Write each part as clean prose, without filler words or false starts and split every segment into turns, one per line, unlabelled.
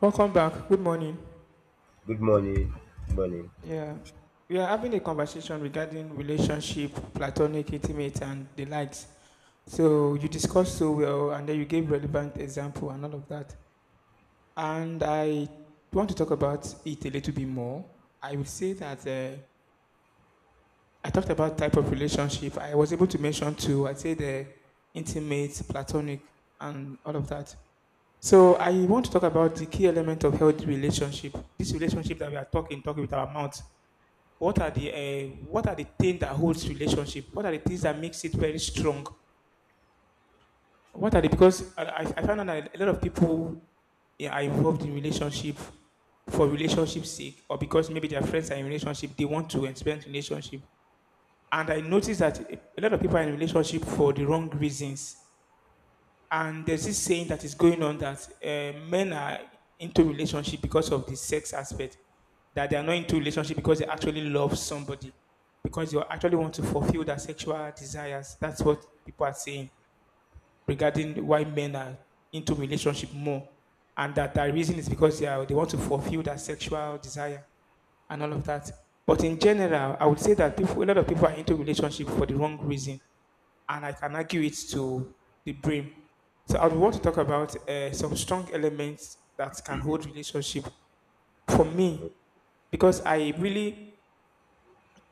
Welcome back. Good morning.
Good morning. Good morning.
Yeah, we are having a conversation regarding relationship, platonic, intimate, and the likes. So you discussed so well, and then you gave relevant example and all of that. And I want to talk about it a little bit more. I would say that I talked about type of relationship. I was able to mention two. I said the intimate, platonic, and all of that. So I want to talk about the key element of healthy relationship. This relationship that we are talking with our mouth. What are the things that holds relationship? What are the things that makes it very strong? What are the, because I found out that a lot of people, yeah, are involved in relationship for relationship sake, or because maybe their friends are in relationship, they want to experience relationship. And I noticed that a lot of people are in relationship for the wrong reasons. And there's this saying that is going on that men are into relationship because of the sex aspect, that they are not into relationship because they actually love somebody, because they actually want to fulfill their sexual desires. That's what people are saying regarding why men are into relationship more, and that the reason is because they are, they want to fulfill their sexual desire and all of that. But in general, I would say that people, a lot of people are into relationship for the wrong reason, and I can argue it to the brain. So I would want to talk about some strong elements that can hold relationship for
Mhm,
me, because I really,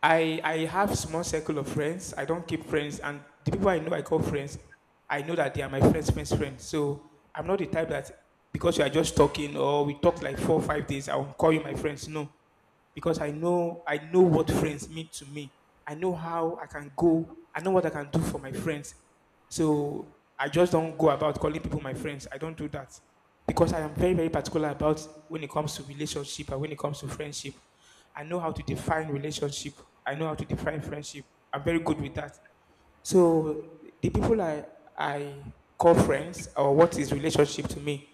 I have small circle of friends. I don't keep friends, and the people I know I call friends, I know that they are my friends' friends' friends. So I'm not the type that because you are just talking or we talk like 4 or 5 days, I will call you my friends. No, because I know, I know what friends mean to me. I know how I can go. I know what I can do for my friends. So I just don't go about calling people my friends. I don't do that because I am very particular about, when it comes to relationship and when it comes to friendship. I know how to define relationship. I know how to define friendship. I'm very good with that. So the people I call friends, or what is relationship to me.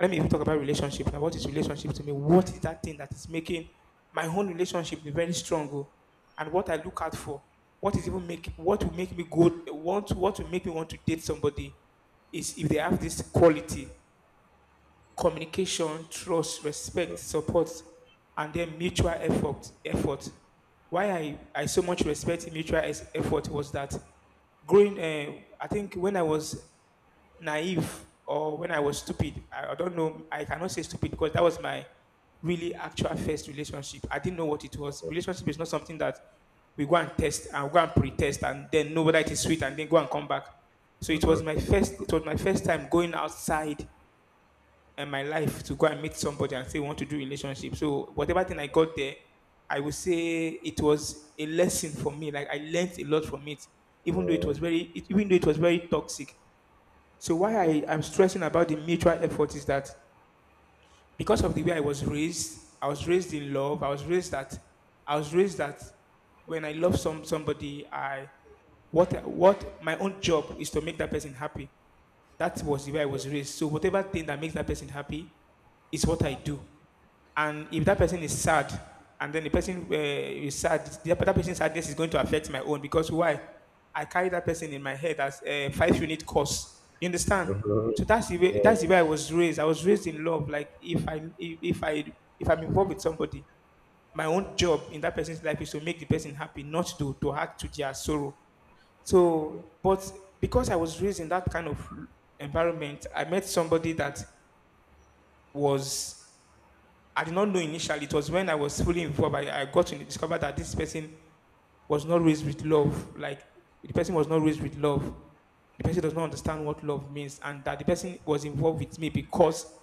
Let me even talk about relationship now. What is relationship to me? What is that thing that is making my own relationship be very strong? Oh? And what I look out for, what is even make, what will make me go want, what will make me want to date somebody is if they have this quality: communication, trust,
mhm,
respect, support, and then mutual effort. Effort. Why I so much respect mutual effort was that growing, I think when I was naive, or when I was stupid, I don't know, I cannot say stupid because that was my really actual first relationship. I didn't know what it was. Relationship is not something that we go and test and go and pre-test and then know whether it is sweet and then go and come back. So
mhm,
it was
mhm,
my first, it was my first time going outside and my life to go and meet somebody and say we want to do relationship. So whatever thing I got there, I would say it was a lesson for me. Like I learned a lot from it, even though it was very, even though it was very toxic. So why I am stressing about the mutual effort is that because of the way I was raised in love. I was raised that when I love somebody, I, what my own job is to make that person happy. That was the way I was raised. So whatever thing that makes that person happy is what I do. And if that person is sad, and then the person is sad, that that person's sadness is going to affect my own, because why? I carry that person in my head as a five-unit course. You understand?
mhm, mhm.
So
Yeah,
that's the way I was raised. I was raised in love. Like if I, if I if I'm involved with somebody, my own job in that person's life is to make the person happy, not to add to their sorrow.
mhm.
So, but because I was raised in that kind of environment, I met somebody that was, I did not know initially. It was when I was fully involved, I got to discover that this person was not raised with love. Like, the person was not raised with love. The person does not understand what love means, and that the person was involved with me, because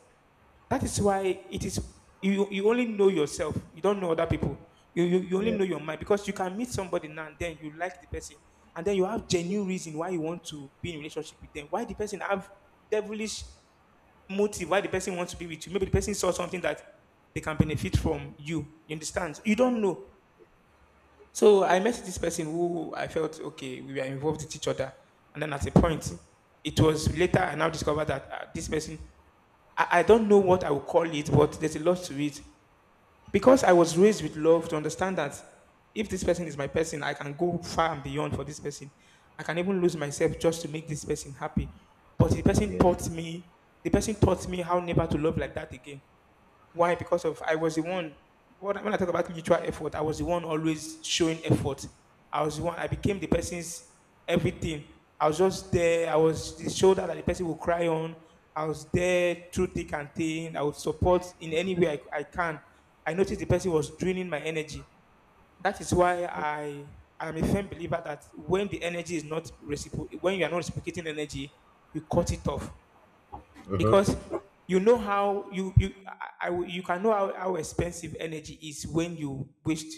that is why it is you, you only know yourself. You don't know other people. You only
Yes.
know your mind, because you can meet somebody now and then you like the person and then you have genuine reason why you want to be in a relationship with them. Why the person have devilish motive? Why the person wants to be with you? Maybe the person saw something that they can benefit from you. You understand? You don't know. So I met this person who I felt okay. We were involved with each other, and then at a point, it was later I now discovered that this person, I don't know what I will call it, but there's a lot to it. Because I was raised with love to understand that if this person is my person, I can go far and beyond for this person. I can even lose myself just to make this person happy. But the person taught me how never to love like that again. Why? Because of I was the one. What, when I talk about mutual effort, I was the one always showing effort. I was the one. I became the person's everything. I was just there. I was the shoulder that the person would cry on. I was there through thick and thin. I would support in any way I can. I noticed the person was draining my energy. That is why I am a firm believer that when the energy is not reciprocated, when you are not reciprocating energy, you cut it off,
Mm.
because you know how you you I you can know how expensive energy is when you waste,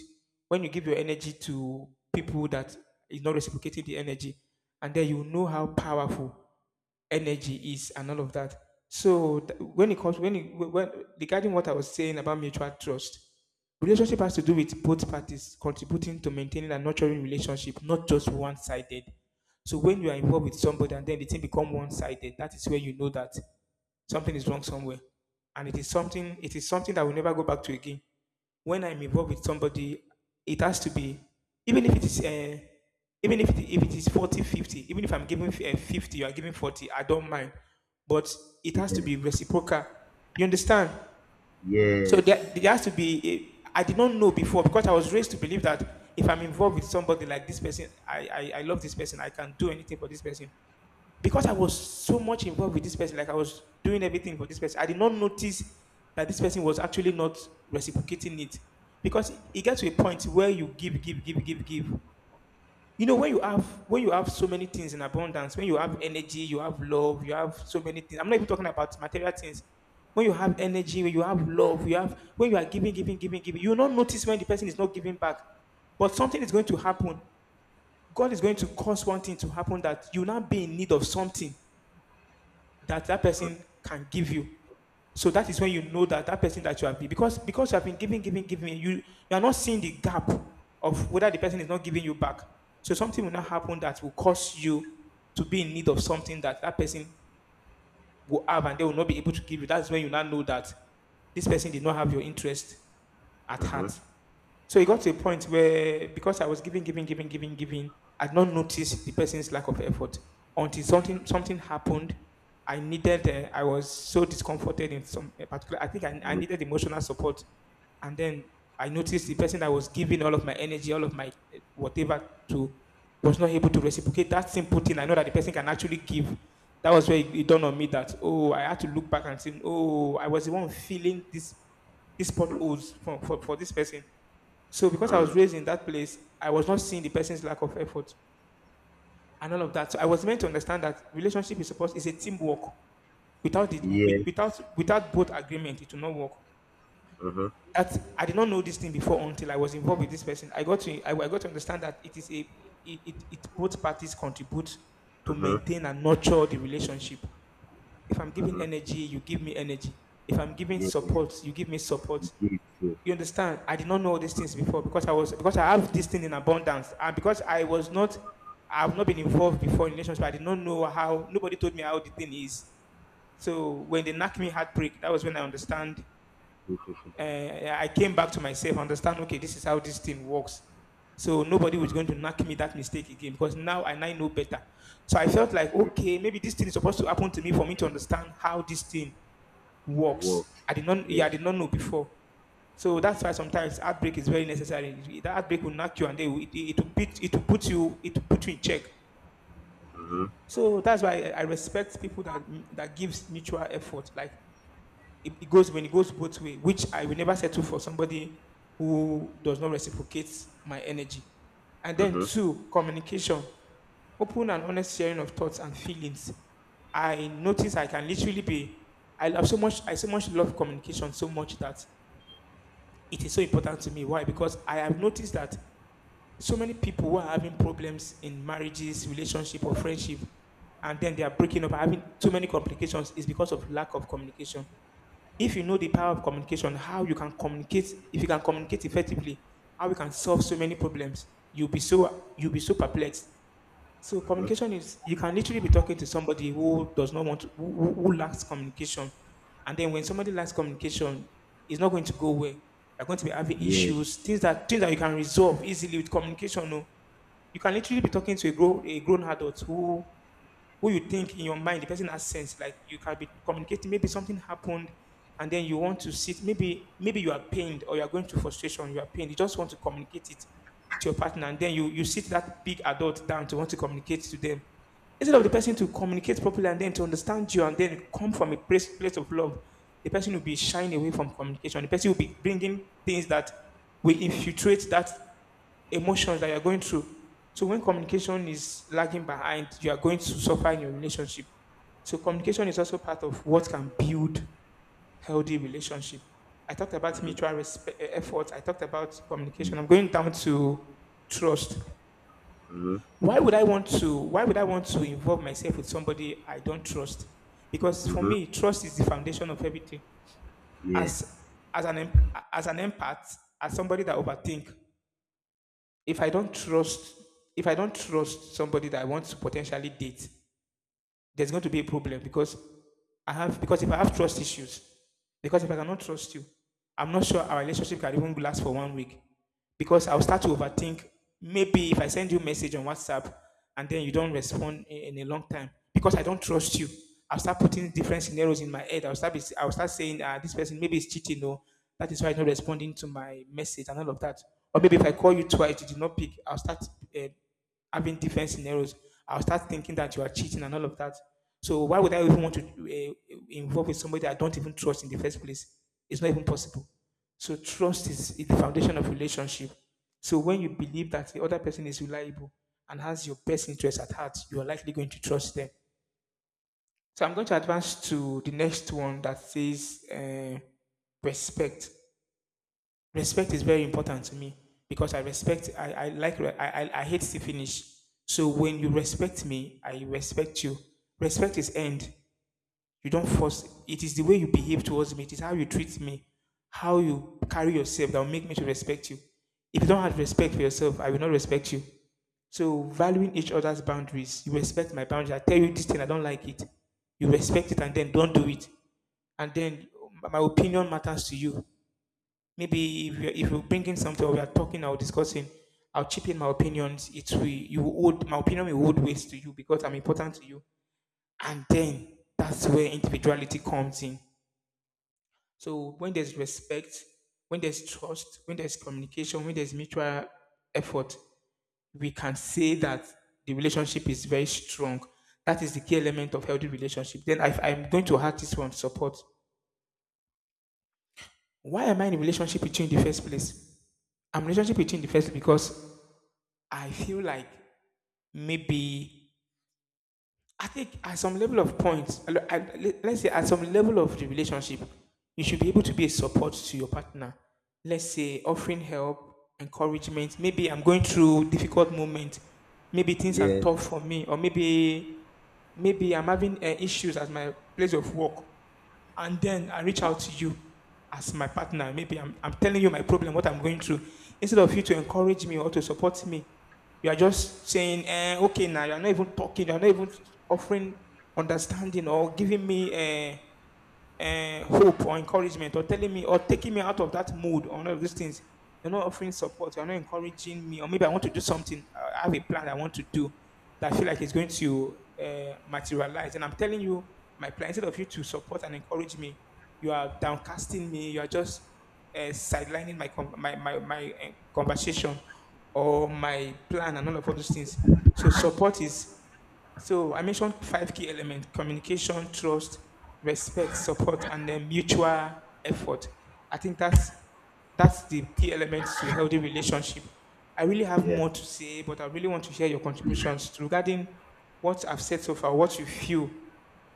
when you give your energy to people that is not reciprocating the energy, and then you know how powerful energy is and all of that. So when it comes, when it, when, regarding what I was saying about mutual trust, relationship has to do with both parties contributing to maintaining and nurturing relationship, not just one-sided. So when you are involved with somebody and then the thing become one-sided, that is where you know that something is wrong somewhere, and it is something, it is something that will never go back to again. When I'm involved with somebody, it has to be, even if it is even if if it is 40-50. Even if I'm giving 50, you are giving 40, I don't mind, but it has to be reciprocal. You understand?
Yes. Mhm, yeah.
So there,
Yes.
there has to be eh, I did not know before, because I was raised to believe that if I'm involved with somebody like this person, I I love this person, I can do anything for this person. Because I was so much involved with this person, like I was doing everything for this person, I did not notice that this person was actually not reciprocating it. Because it gets to a point where you give, give, give, give, give. You know, when you have so many things in abundance, when you have energy, you have love, you have so many things. I'm not even talking about material things. When you have energy, when you have love, you have, when you are giving, giving, giving, giving, you will not notice when the person is not giving back. But something is going to happen. God is going to cause one thing to happen that you will not be in need of something that that
Mm,
person can give you. So that is when you know that that person that you have been, because you have been giving, giving, giving, you are not seeing the gap of whether the person is not giving you back. So something will not happen that will cause you to be in need of something that that person will have and they will not be able to give you. That's when you now know that this person did not have your interest at
mhm,
heart. So it got to a point where because I was giving, giving, giving, giving, giving, I'd not noticed the person's lack of effort until something happened. I needed. I was so discomforted in some a particular. I think I
mm,
needed emotional support, and then I noticed the person I was giving all of my energy, all of my whatever to, was not able to reciprocate that simple thing. I know that the person can actually give. That was where it dawned on me that oh, I had to look back and say, oh, I was the one feeling this potholes for this person. So because I was
mm.
raised in that place, I was not seeing the person's lack of effort and all of that. So I was meant to understand that relationship is a teamwork. Without it,
Yes.
without both agreement, it will not work.
Mhm,
That I did not know this thing before until I was involved with this person. I got to understand that it is a it, it, it both parties contribute to
mhm,
maintain and nurture the relationship. If I'm giving
mhm.
energy, you give me energy. If I'm giving
Yes.
support, you give me support.
You did so.
You understand? I did not know all these things before because I have this thing in abundance and because I've not been involved before in relationships, I did not know how nobody told me how the thing is. So when they knocked me heartbreak, that was when I understand.
Mhm, mhm.
Uh, I came back to myself, understand. Okay, this is how this thing works. So nobody was going to knock me that mistake again because now I now know better. So I felt like
Yeah. it
okay, maybe this thing is supposed to happen to me for me to understand how this thing works.
Worked.
I did not, Yeah,
Yeah.
I did not know before. So that's why sometimes heartbreak is very necessary. That heartbreak will knock you and they will, it will beat, it will put you in check.
Mhm,
So that's why I respect people that gives mutual effort. Like it goes when it goes both way, which I will never settle for somebody who does not reciprocate my energy. And then
mhm,
two, communication, open and honest sharing of thoughts and feelings. I notice I can literally be I so much love communication so much that it is so important to me. Why? Because I have noticed that so many people who are having problems in marriages, relationship, or friendship, and then they are breaking up, having too many complications, is because of lack of communication. If you know the power of communication, how you can communicate, if you can communicate effectively, how you can solve so many problems, you'll be so perplexed. So
mhm.
communication is you can literally be talking to somebody who does not want to, who lacks communication, and then when somebody lacks communication, it's not going to go well. They're going to be having
Yes.
issues, things that you can resolve easily with communication. No, you can literally be talking to a grown adult who you think in your mind, the person has sense. Like you can be communicating. Maybe something happened, and then you want to sit. Maybe you are pained or you are going through frustration. You are pained. You just want to communicate it to your partner, and then you sit that big adult down to want to communicate to them. Instead of the person to communicate properly and then to understand you and then come from a place of love, the person will be shying away from communication. The person will be bringing things that will infiltrate that emotions that you're going through. So when communication is lagging behind, you are going to suffer in your relationship. So communication is also part of what can build healthy relationship. I talked about
Mhm,
mutual respect, efforts. I talked about
mm,
communication. I'm going down to trust.
mhm,
Why would I want to? Why would I want to involve myself with somebody I don't trust? Because for
mhm.
me, trust is the foundation of everything.
Yeah.
As as an as an empath, as somebody that overthink, if I don't trust if I don't trust somebody that I want to potentially date, there's going to be a problem because I have because if I have trust issues, because if I cannot trust you, I'm not sure our relationship can even last for one week. Because I'll start to overthink. Maybe if I send you a message on WhatsApp and then you don't respond in a long time, because I don't trust you, I'll start putting different scenarios in my head. I'll start saying, ah, this person maybe is cheating, or that is why he's not responding to my message and all of that. Or maybe if I call you twice, you did not pick, I'll start uh, having different scenarios, I'll start thinking that you are cheating and all of that. So why would I even want to involve with somebody I don't even trust in the first place? It's not even possible. So trust is the foundation of relationship. So when you believe that the other person is reliable and has your best interest at heart, you are likely going to trust them. So I'm going to advance to the next one that says respect. Respect is very important to me because I respect, I like, I hate to finish. So when you respect me, I respect you. Respect is end. You don't force, it is the way you behave towards me, it is how you treat me, how you carry yourself that will make me to respect you. If you don't have respect for yourself, I will not respect you. So valuing each other's boundaries, you respect my boundaries. I tell you this thing, I don't like it. You respect it and then don't do it. And then my opinion matters to you. Maybe if you bring in something or we are talking or discussing, I'll chip in my opinions. It will you would my opinion will hold weight to you because I'm important to you. And then that's where individuality comes in. So when there's respect, when there's trust, when there's communication, when there's mutual effort, we can say that the relationship is very strong. That is the key element of healthy relationship. Then if I'm going to add this one, support. Why am I in a relationship with you in the first place? I'm in a relationship with you in the first place because I feel like maybe I think at some level of points, let's say at some level of the relationship, you should be able to be a support to your partner. Let's say offering help, encouragement. Maybe I'm going through difficult moment. Maybe things are
Yes.
tough for me, or maybe I'm having issues at my place of work and then I reach out to you as my partner. Maybe I'm telling you my problem, what I'm going through. Instead of you to encourage me or to support me, you are just saying, okay, now you're not even talking, you're not even offering understanding or giving me hope or encouragement or telling me or taking me out of that mood or all of these things. You're not offering support. You're not encouraging me. Or maybe I want to do something. I have a plan I want to do that I feel like it's going to materialize. And I'm telling you my plan. Instead of you to support and encourage me, you are downcasting me. You are just sidelining my conversation or my plan and all those things. So support is so I mentioned five key elements: communication, trust, respect, support, and then mutual effort. I think that's the key elements to healthy relationship. I really have
Yeah.
more to say, but I really want to hear your contributions regarding what I've said so far, what you feel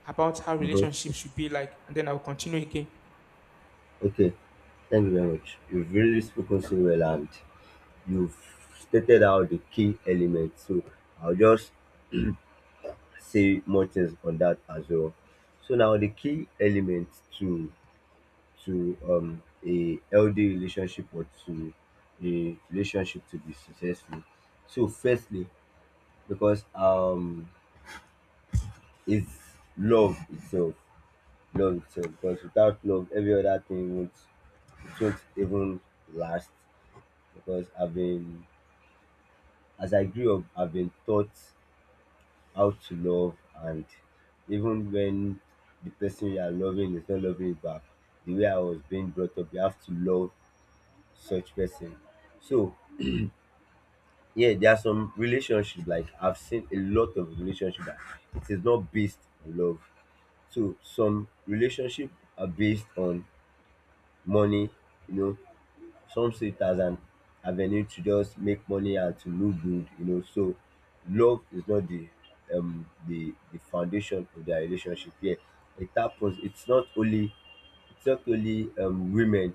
about how
Mm-hmm.
relationships should be like, and then I'll continue again.
Okay, thank you very much. You've really spoken so well, and you've stated out the key elements. So I'll just say more things on that as well. So now, the key element to to a healthy relationship, or to a relationship to be successful. So firstly, because it's love itself. Love itself. Because without love, every other thing won't it won't even last. Because I've been as I grew up, I've been taught how to love, and even when the person you are loving is not loving you back, the way I was being brought up, you have to love such person. So, yeah, there are some relationships, like I've seen a lot of relationships that it is not based on love. So some relationship are based on money. you know, some see it as an avenue to just make money and to look good, So love is not the the foundation of their relationship here. It happens. It's not only, it's not only women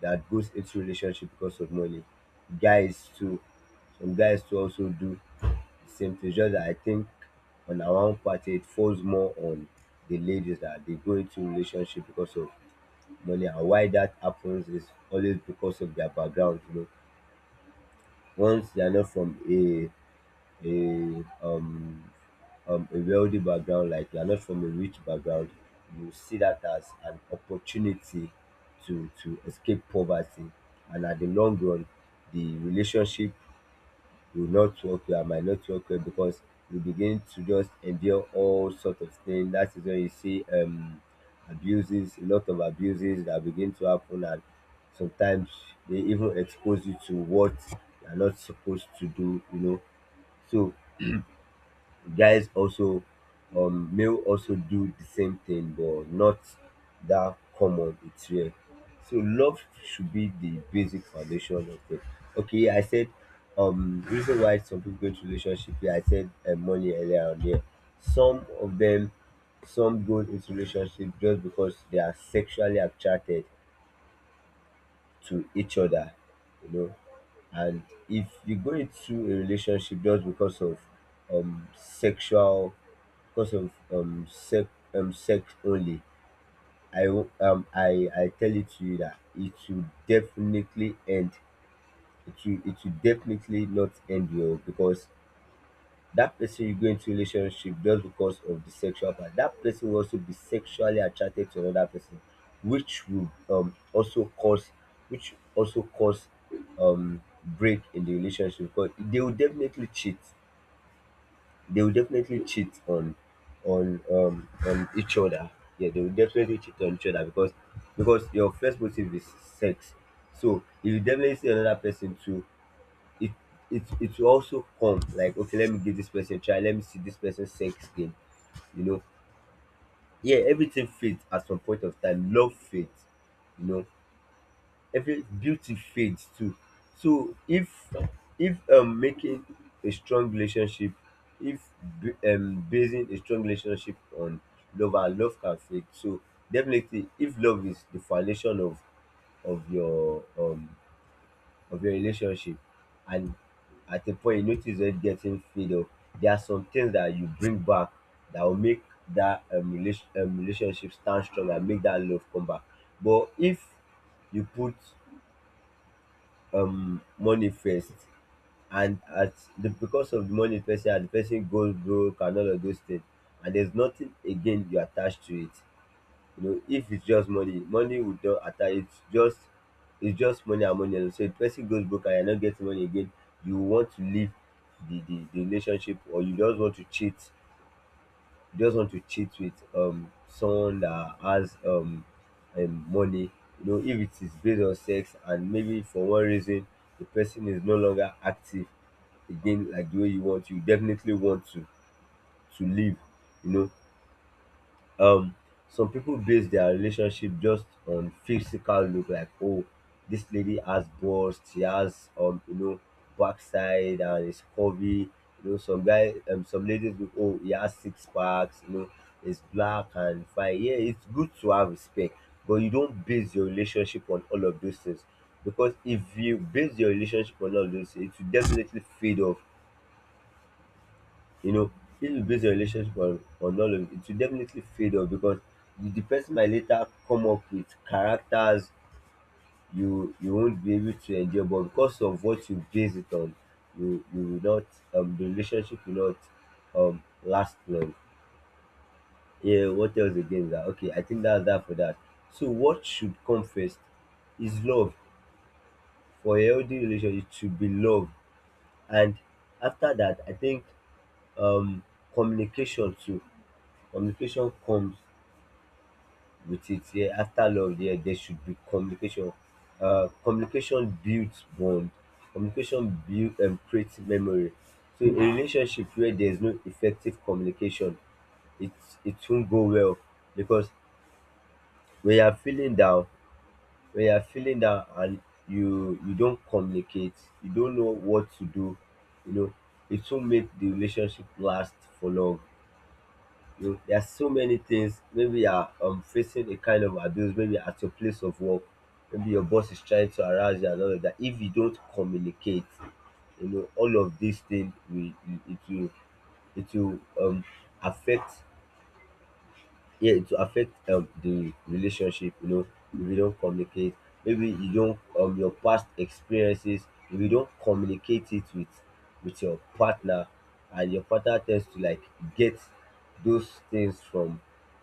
that goes into relationship because of money. Guys too. Some guys too also do the same thing. Just that I think on our own party, it falls more on the ladies, that they go into relationship because of money. And why that happens is always because of their background. Once they are not from a um a wealthy background, like you are not from a rich background, you see that as an opportunity to escape poverty. And at the long run, the relationship, you will not work well, I might not work well, because you begin to just endure all sort of things. That is when you see abuses, a lot of abuses that begin to happen. And sometimes they even expose you to what you are not supposed to do, So guys also, male also do the same thing, but not that common, it's rare. So love should be the basic foundation of it. Okay, I said, reason why some people go into relationship, yeah, I said, money earlier on there. Some of them, some go into relationship just because they are sexually attracted to each other you know and if you go into a relationship just because of um sexual sex, sex only. I wo- um i i tell it to you that it will definitely end, it will definitely not end your, because that person you go into relationship just because of the sexual part, that person will also be sexually attracted to another person, which will also cause which also cause break in the relationship, because they will definitely cheat on each other. Yeah, they will definitely cheat on each other, because your first motive is sex. So if you definitely see another person too, it it will also come like, okay, let me give this person a try, let me see this person's sex game you know yeah, everything fades at some point of time. Love fades, you know every beauty fades too. So if, if making a strong relationship, if basing a strong relationship on love, and love can fade. So definitely, if love is the foundation of your um of your relationship, and at a point you notice it getting fade off, there are some things that you bring back that will make that relationship stand strong and make that love come back. But if you put money first, and at the because of the money first, and the person goes broke and all of those things, and there's nothing again you attach to it, if it's just money, money would not attach, it's just money and money alone. So if the person goes broke and you're not getting money again, you want to leave the relationship, or you just want to cheat. You just want to cheat with someone that has money. You know, if it is based on sex and maybe for one reason the person is no longer active again, like the way you want, you definitely want to leave. you know um some people base their relationship just on physical look, like, oh, this lady has bust, she has, backside and it's curvy. Some guy some ladies look, oh, he has six packs, it's black and fine. Yeah, it's good to have respect, but you don't base your relationship on all of those things, because if you base your relationship on all of those things, it will definitely fade off. you know, if you base your relationship on all of it, it will definitely fade off. Because the person might later come up with characters you won't be able to enjoy, but because of what you base it on, you will not the relationship will not last long. Yeah, what else again is that? Okay, I think that's that for that. So what should come first is love. For a healthy relationship, it should be love. And after that, I think, um communication too. Communication comes with it. Yeah, after love, yeah, there should be communication. Communication builds bond. Communication build and creates memory. So a relationship where there is no effective communication, it it won't go well, because when you are feeling down, and you don't communicate, you don't know what to do, you know, it won't make the relationship last for long. You There are so many things. Maybe you are, facing a kind of abuse, maybe at your place of work, maybe your boss is trying to harass you and all of that. If you don't communicate, all of these things will, it will it will affect, yeah, it will affect the relationship, if you don't communicate. Maybe your past experiences, if you don't communicate it with your partner, and your partner tends to like get those things from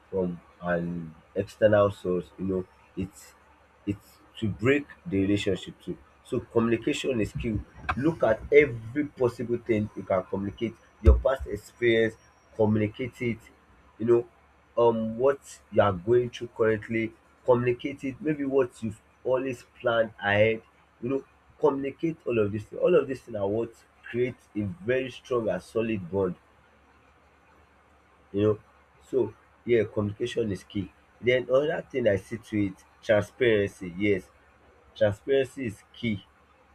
from an external source, it's it's to break the relationship too. So communication is key. Look at every possible thing you can communicate. Your past experience, communicate it. you know, what you are going through currently, communicate it. Maybe what you've always planned ahead, you know, communicate all of this thing. All of this thing are what creates a very strong and solid bond, you know. So yeah, communication is key. Then another thing I see to it, transparency. Yes, transparency is key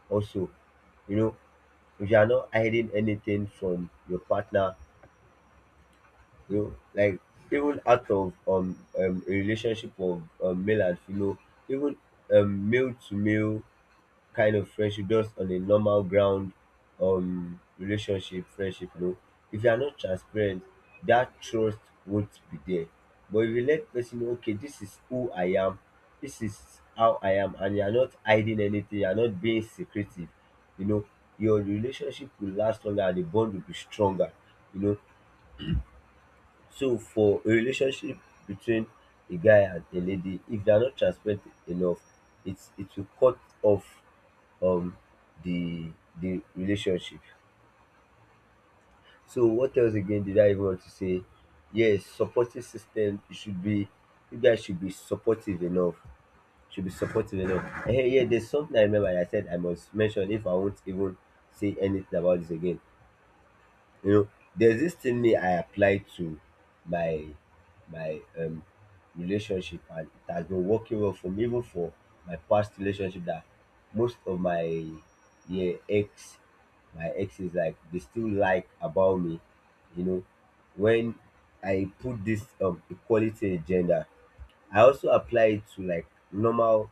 also you know if you are not hiding anything from your partner, you know like, even out of, a relationship of, male and female, even male to male kind of friendship, just on a normal ground, relationship, friendship, if you are not transparent, dat trust won't be there. But if you let person know, okay, dis is who I am, dis is how I am, and you are not hiding anything, you are not being secretive, you know, your relationship will last longer and the bond will be stronger, you know. So for a relationship between a guy and a lady, if they are not transparent enough, it will cut off um the the relationship. So what else again did I even want to say? Yes, supporting system, it should be you guys should be supportive enough. Should be supportive enough. Hey, yeah, there's something I remember I said I must mention, if I won't even say anything about this again. you know there's this thing me I applied to my my relationship, and it has been working well for me, even for my past relationship, that most of my yeah ex my ex is like they still like about me you know when I put this equality agenda, I also apply it to like normal,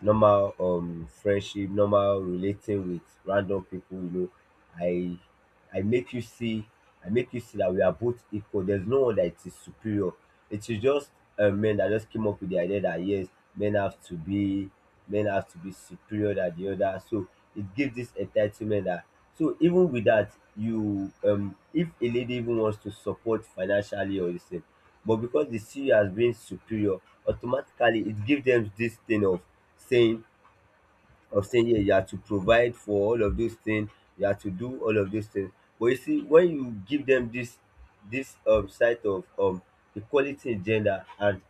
normal friendship, normal relating with random people. I I make you see I make you see that we are both equal. There's no one that is superior. It is just, men that just came up with the idea that yes, men have to be, superior than the other. So it gives this entitlement that, so even with that, you— if a lady even wants to support financially or the— but because they see you as being superior, automatically it gives them this thing of saying, yeah, you have to provide for all of those things, you have to do all of those things. But you see, when you give them this side of equality in gender, and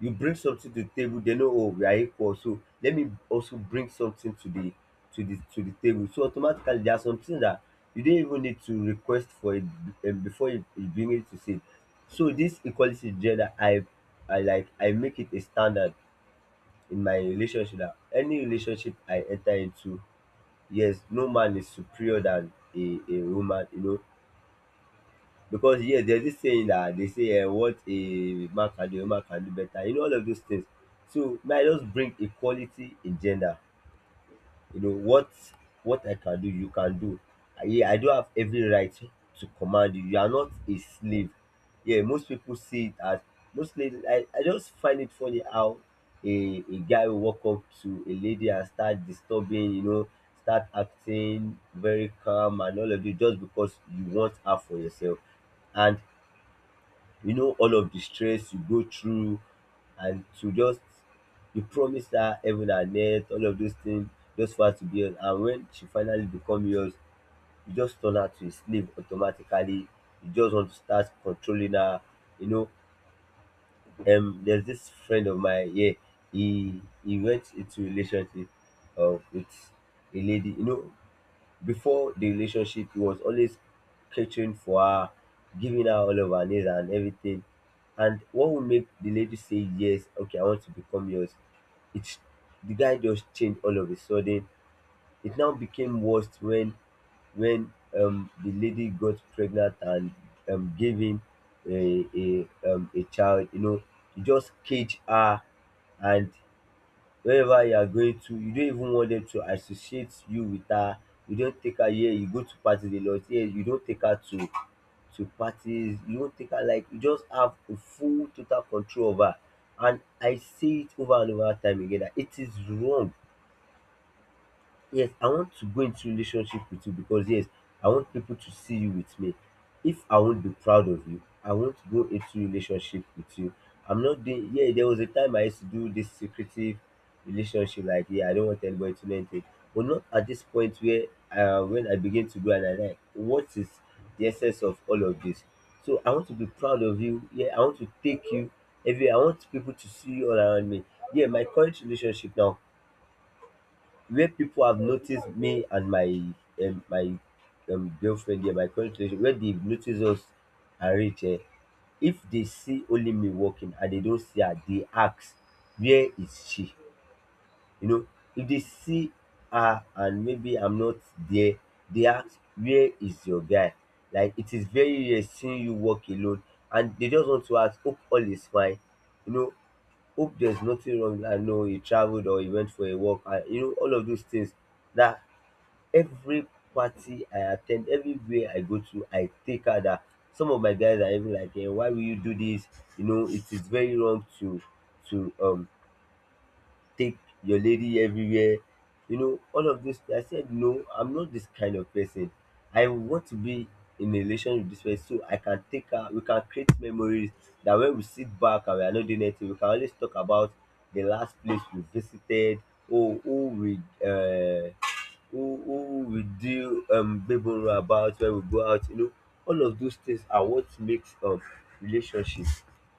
you bring something to the table, they know, oh, we are equal, so let me also bring something to the table so automatically, there are some things that you don't even need to request for it. Before you, bring it to say. So this equality gender, I like, I make it a standard in my relationship that any relationship I enter into, yes, no man is superior than a woman, you know. Because yes, there's this saying that they say, what a man can do, a woman can do better. You know, all of those things. So may I just bring equality in gender. You know what, I can do, you can do. Yeah, I do have every right to command you. You are not a slave. Yeah, most people see it as— most ladies, I just find it funny how a guy will walk up to a lady and start disturbing. You know, start acting very calm and all of this just because you want her for yourself. And you know, all of the stress you go through, and to just— you promise her heaven and earth, all of those things, just for her to be yours. And when she finally become yours, you just turn her to a slave automatically. You just want to start controlling her. You know, there's this friend of mine here. He went into relationship with a lady. You know, before the relationship, he was always catering for her, giving her all of her needs and everything. And what would make the lady say yes, okay, I want to become yours? It's— the guy just changed all of a sudden. It now became worse when the lady got pregnant and gave him a child. You know, he just caged her, and wherever you are going to, you don't even want them to associate you with her. You don't take her. Here you go to parties a lot, here you don't take her to parties, you don't take her. Like, you just have a full total control over her. And I see it over and over time again that it is wrong. Yes, I want to go into relationship with you because, yes, I want people to see you with me. If I won't be proud of you, I won't go into relationship with you. I'm not doing— yeah, there was a time I used to do this secretive relationship, like, yeah, I don't want anybody to know anything. But not at this point where, when I begin to go, and I like— what is the essence of all of this? So I want to be proud of you. Yeah, I want to take you everywhere, I want people to see you all around me. Yeah, my current relationship now, where people have noticed me and my my girlfriend here, my current relationship, where they've noticed us and reach, if they see only me working and they don't see her, they ask, where is she? You know, if they see her and maybe I'm not there, they ask, where is your guy? Like, it is very rare seeing you work alone, and they just want to ask, hope all is fine. You know, hope there's nothing wrong, like no, he traveled or he went for a walk, and, you know, all of those things. Na, every party I at ten d, everywhere I go to, I take her dat. Some of my guys are even like, why will you do this? You know, it is very wrong to to um take your lady everywhere, you know, all of those things. I said, no, I'm not this kind of person. I want to be in a relationship with this person so I can take her, we can create memories that when we sit back and we are not doing anything, we can always talk about the last place we visited, oh, who we, uh, who we do, babble about when we go out, you know, all of those things are what makes, relationship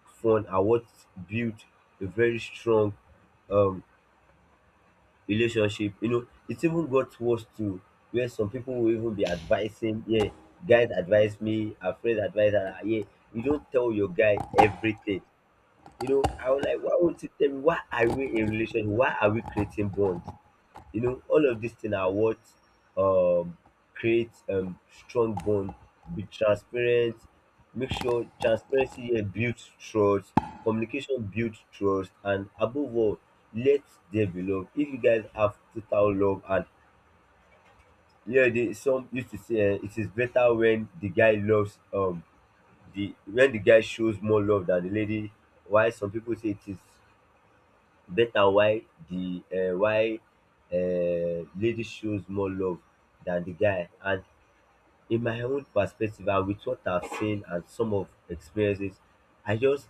fun, and what build a very strong, um, relationship. You know, it even got worse too, where some people will even be advising, yeah, guys advise me, a friend advise her, yeah, you don't tell your guy everything. You know, I was like, why won't you tell me, why are we in relation? Why are we creating bonds? You know, all of these things are what, um creates, strong bond. Be transparent. Make sure— transparency here builds trust, communication builds trust. And above all, let there be love. If you guys have total love, and— yeah, they— some used to say, eh, it is better when the guy loves, the when the guy shows more love than the lady. Why some people say it is better— why the why lady shows more love than the guy, and in my own perspective, and with what I've seen and some of experiences, I just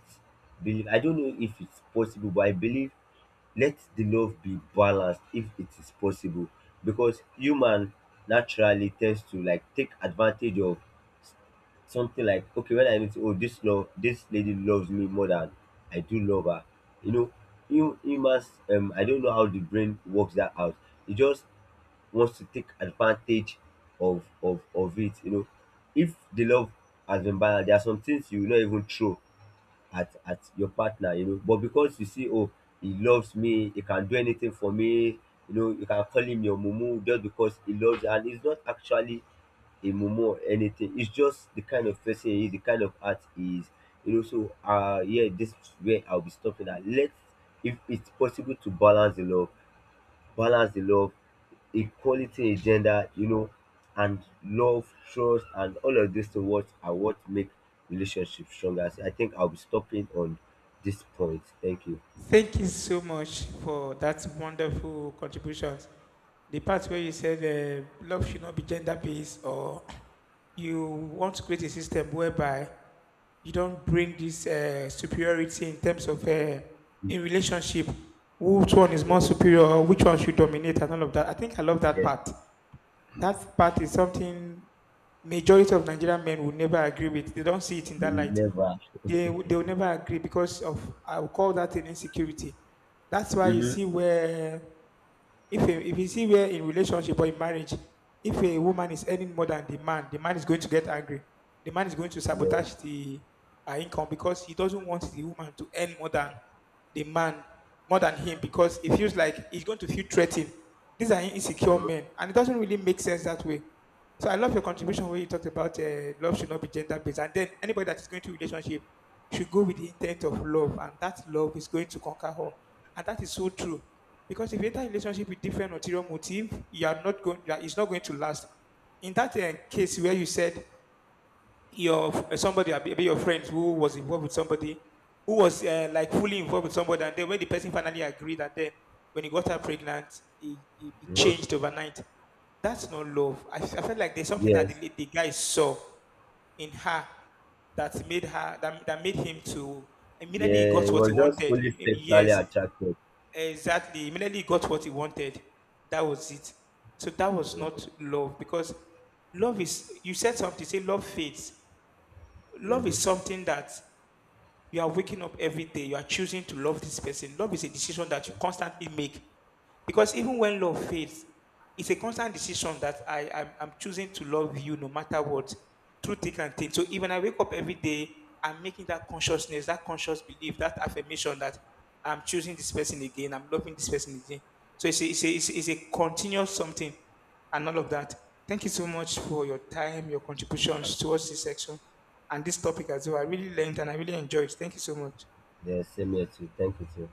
believe— I don't know if it's possible, but I believe, let the love be balanced, if it is possible. Because human naturally tends to, like, take advantage of something, like, okay, when I know sey, oh, dis love, dis lady loves me more than I do love her, you know, you humans, I don't know how the brain works that out. E just wants to take advantage of it, you know. If the love has been balanced, there are some things you will not even throw at your partner. You know, but because you see, oh, he loves me, he can do anything for me, you know, you can call him your mumu just because he loves you, and it's not actually a mumu or anything. It's just the kind of person he is, the kind of art he is. You know, so, yeah, this is where I'll be stopping at. Let's— if it's possible, to balance the love, equality in gender, you know, and love, trust, and all of these things, what are— what make relationships stronger. So I think I'll be stopping on this point. Thank you.
Thank you so much for that wonderful contribution. The part where you said love should not be gender based, or you want to create a system whereby you don't bring this superiority in terms of in relationship, which one is
Yeah,
more superior, or which one should dominate, and all of that. I think I love that
yeah.
part. That part is something majority of Nigerian men will never agree with. They don't see it in
They
that light.
never.
They will never agree because of I will call that an insecurity. That's why you
Mm-hmm.
see where if you see where in relationship or in marriage, if a woman is earning more than the man is going to get angry. The man is going to
Yes.
sabotage the her income because he doesn't want the woman to earn more than the man, more than him, because it feels like he's going to feel threatened. These are insecure
Mm-hmm.
men, and it doesn't really make sense that way. So I love your
Mm-hmm.
contribution where you talked about love should not be gender based, and then anybody that is going to a relationship should go with the intent of love, and that love is going to conquer her. And that is so true. Because if you enter a relationship with different ulterior motive, you are not going. You It's not going to last. In that case where you said your somebody, maybe your friend who was involved with somebody, who was like fully involved with somebody, and then when the person finally agreed, and then when he got her pregnant, it
Mm-hmm.
changed overnight. That's not love. I felt like there's something that
Yes.
the guy saw in her that made him to immediately he
Yeah,
got
it
what he
was just
wanted.
only sexually
Yes,
attracted.
exactly. Immediately he got what he wanted. That was it. So that was not
Hmm.
love because love is you said something, say love fades. Love
Hmm.
is something that you are waking up every day, you are choosing to love this person. Love is a decision that you constantly make. Because even when love fades, it's a constant decision that I'm choosing to love you no matter what, through thick and thin. So even I wake up every day, I'm making that consciousness, that conscious belief, that affirmation that I'm choosing this person again, I'm loving this person again. So it's a continuous something and all of that. Thank you so much for your time, your contributions towards this section and this topic as well. I really learned and I really enjoyed. Thank you so much.
Yeah, same here too. Thank you too.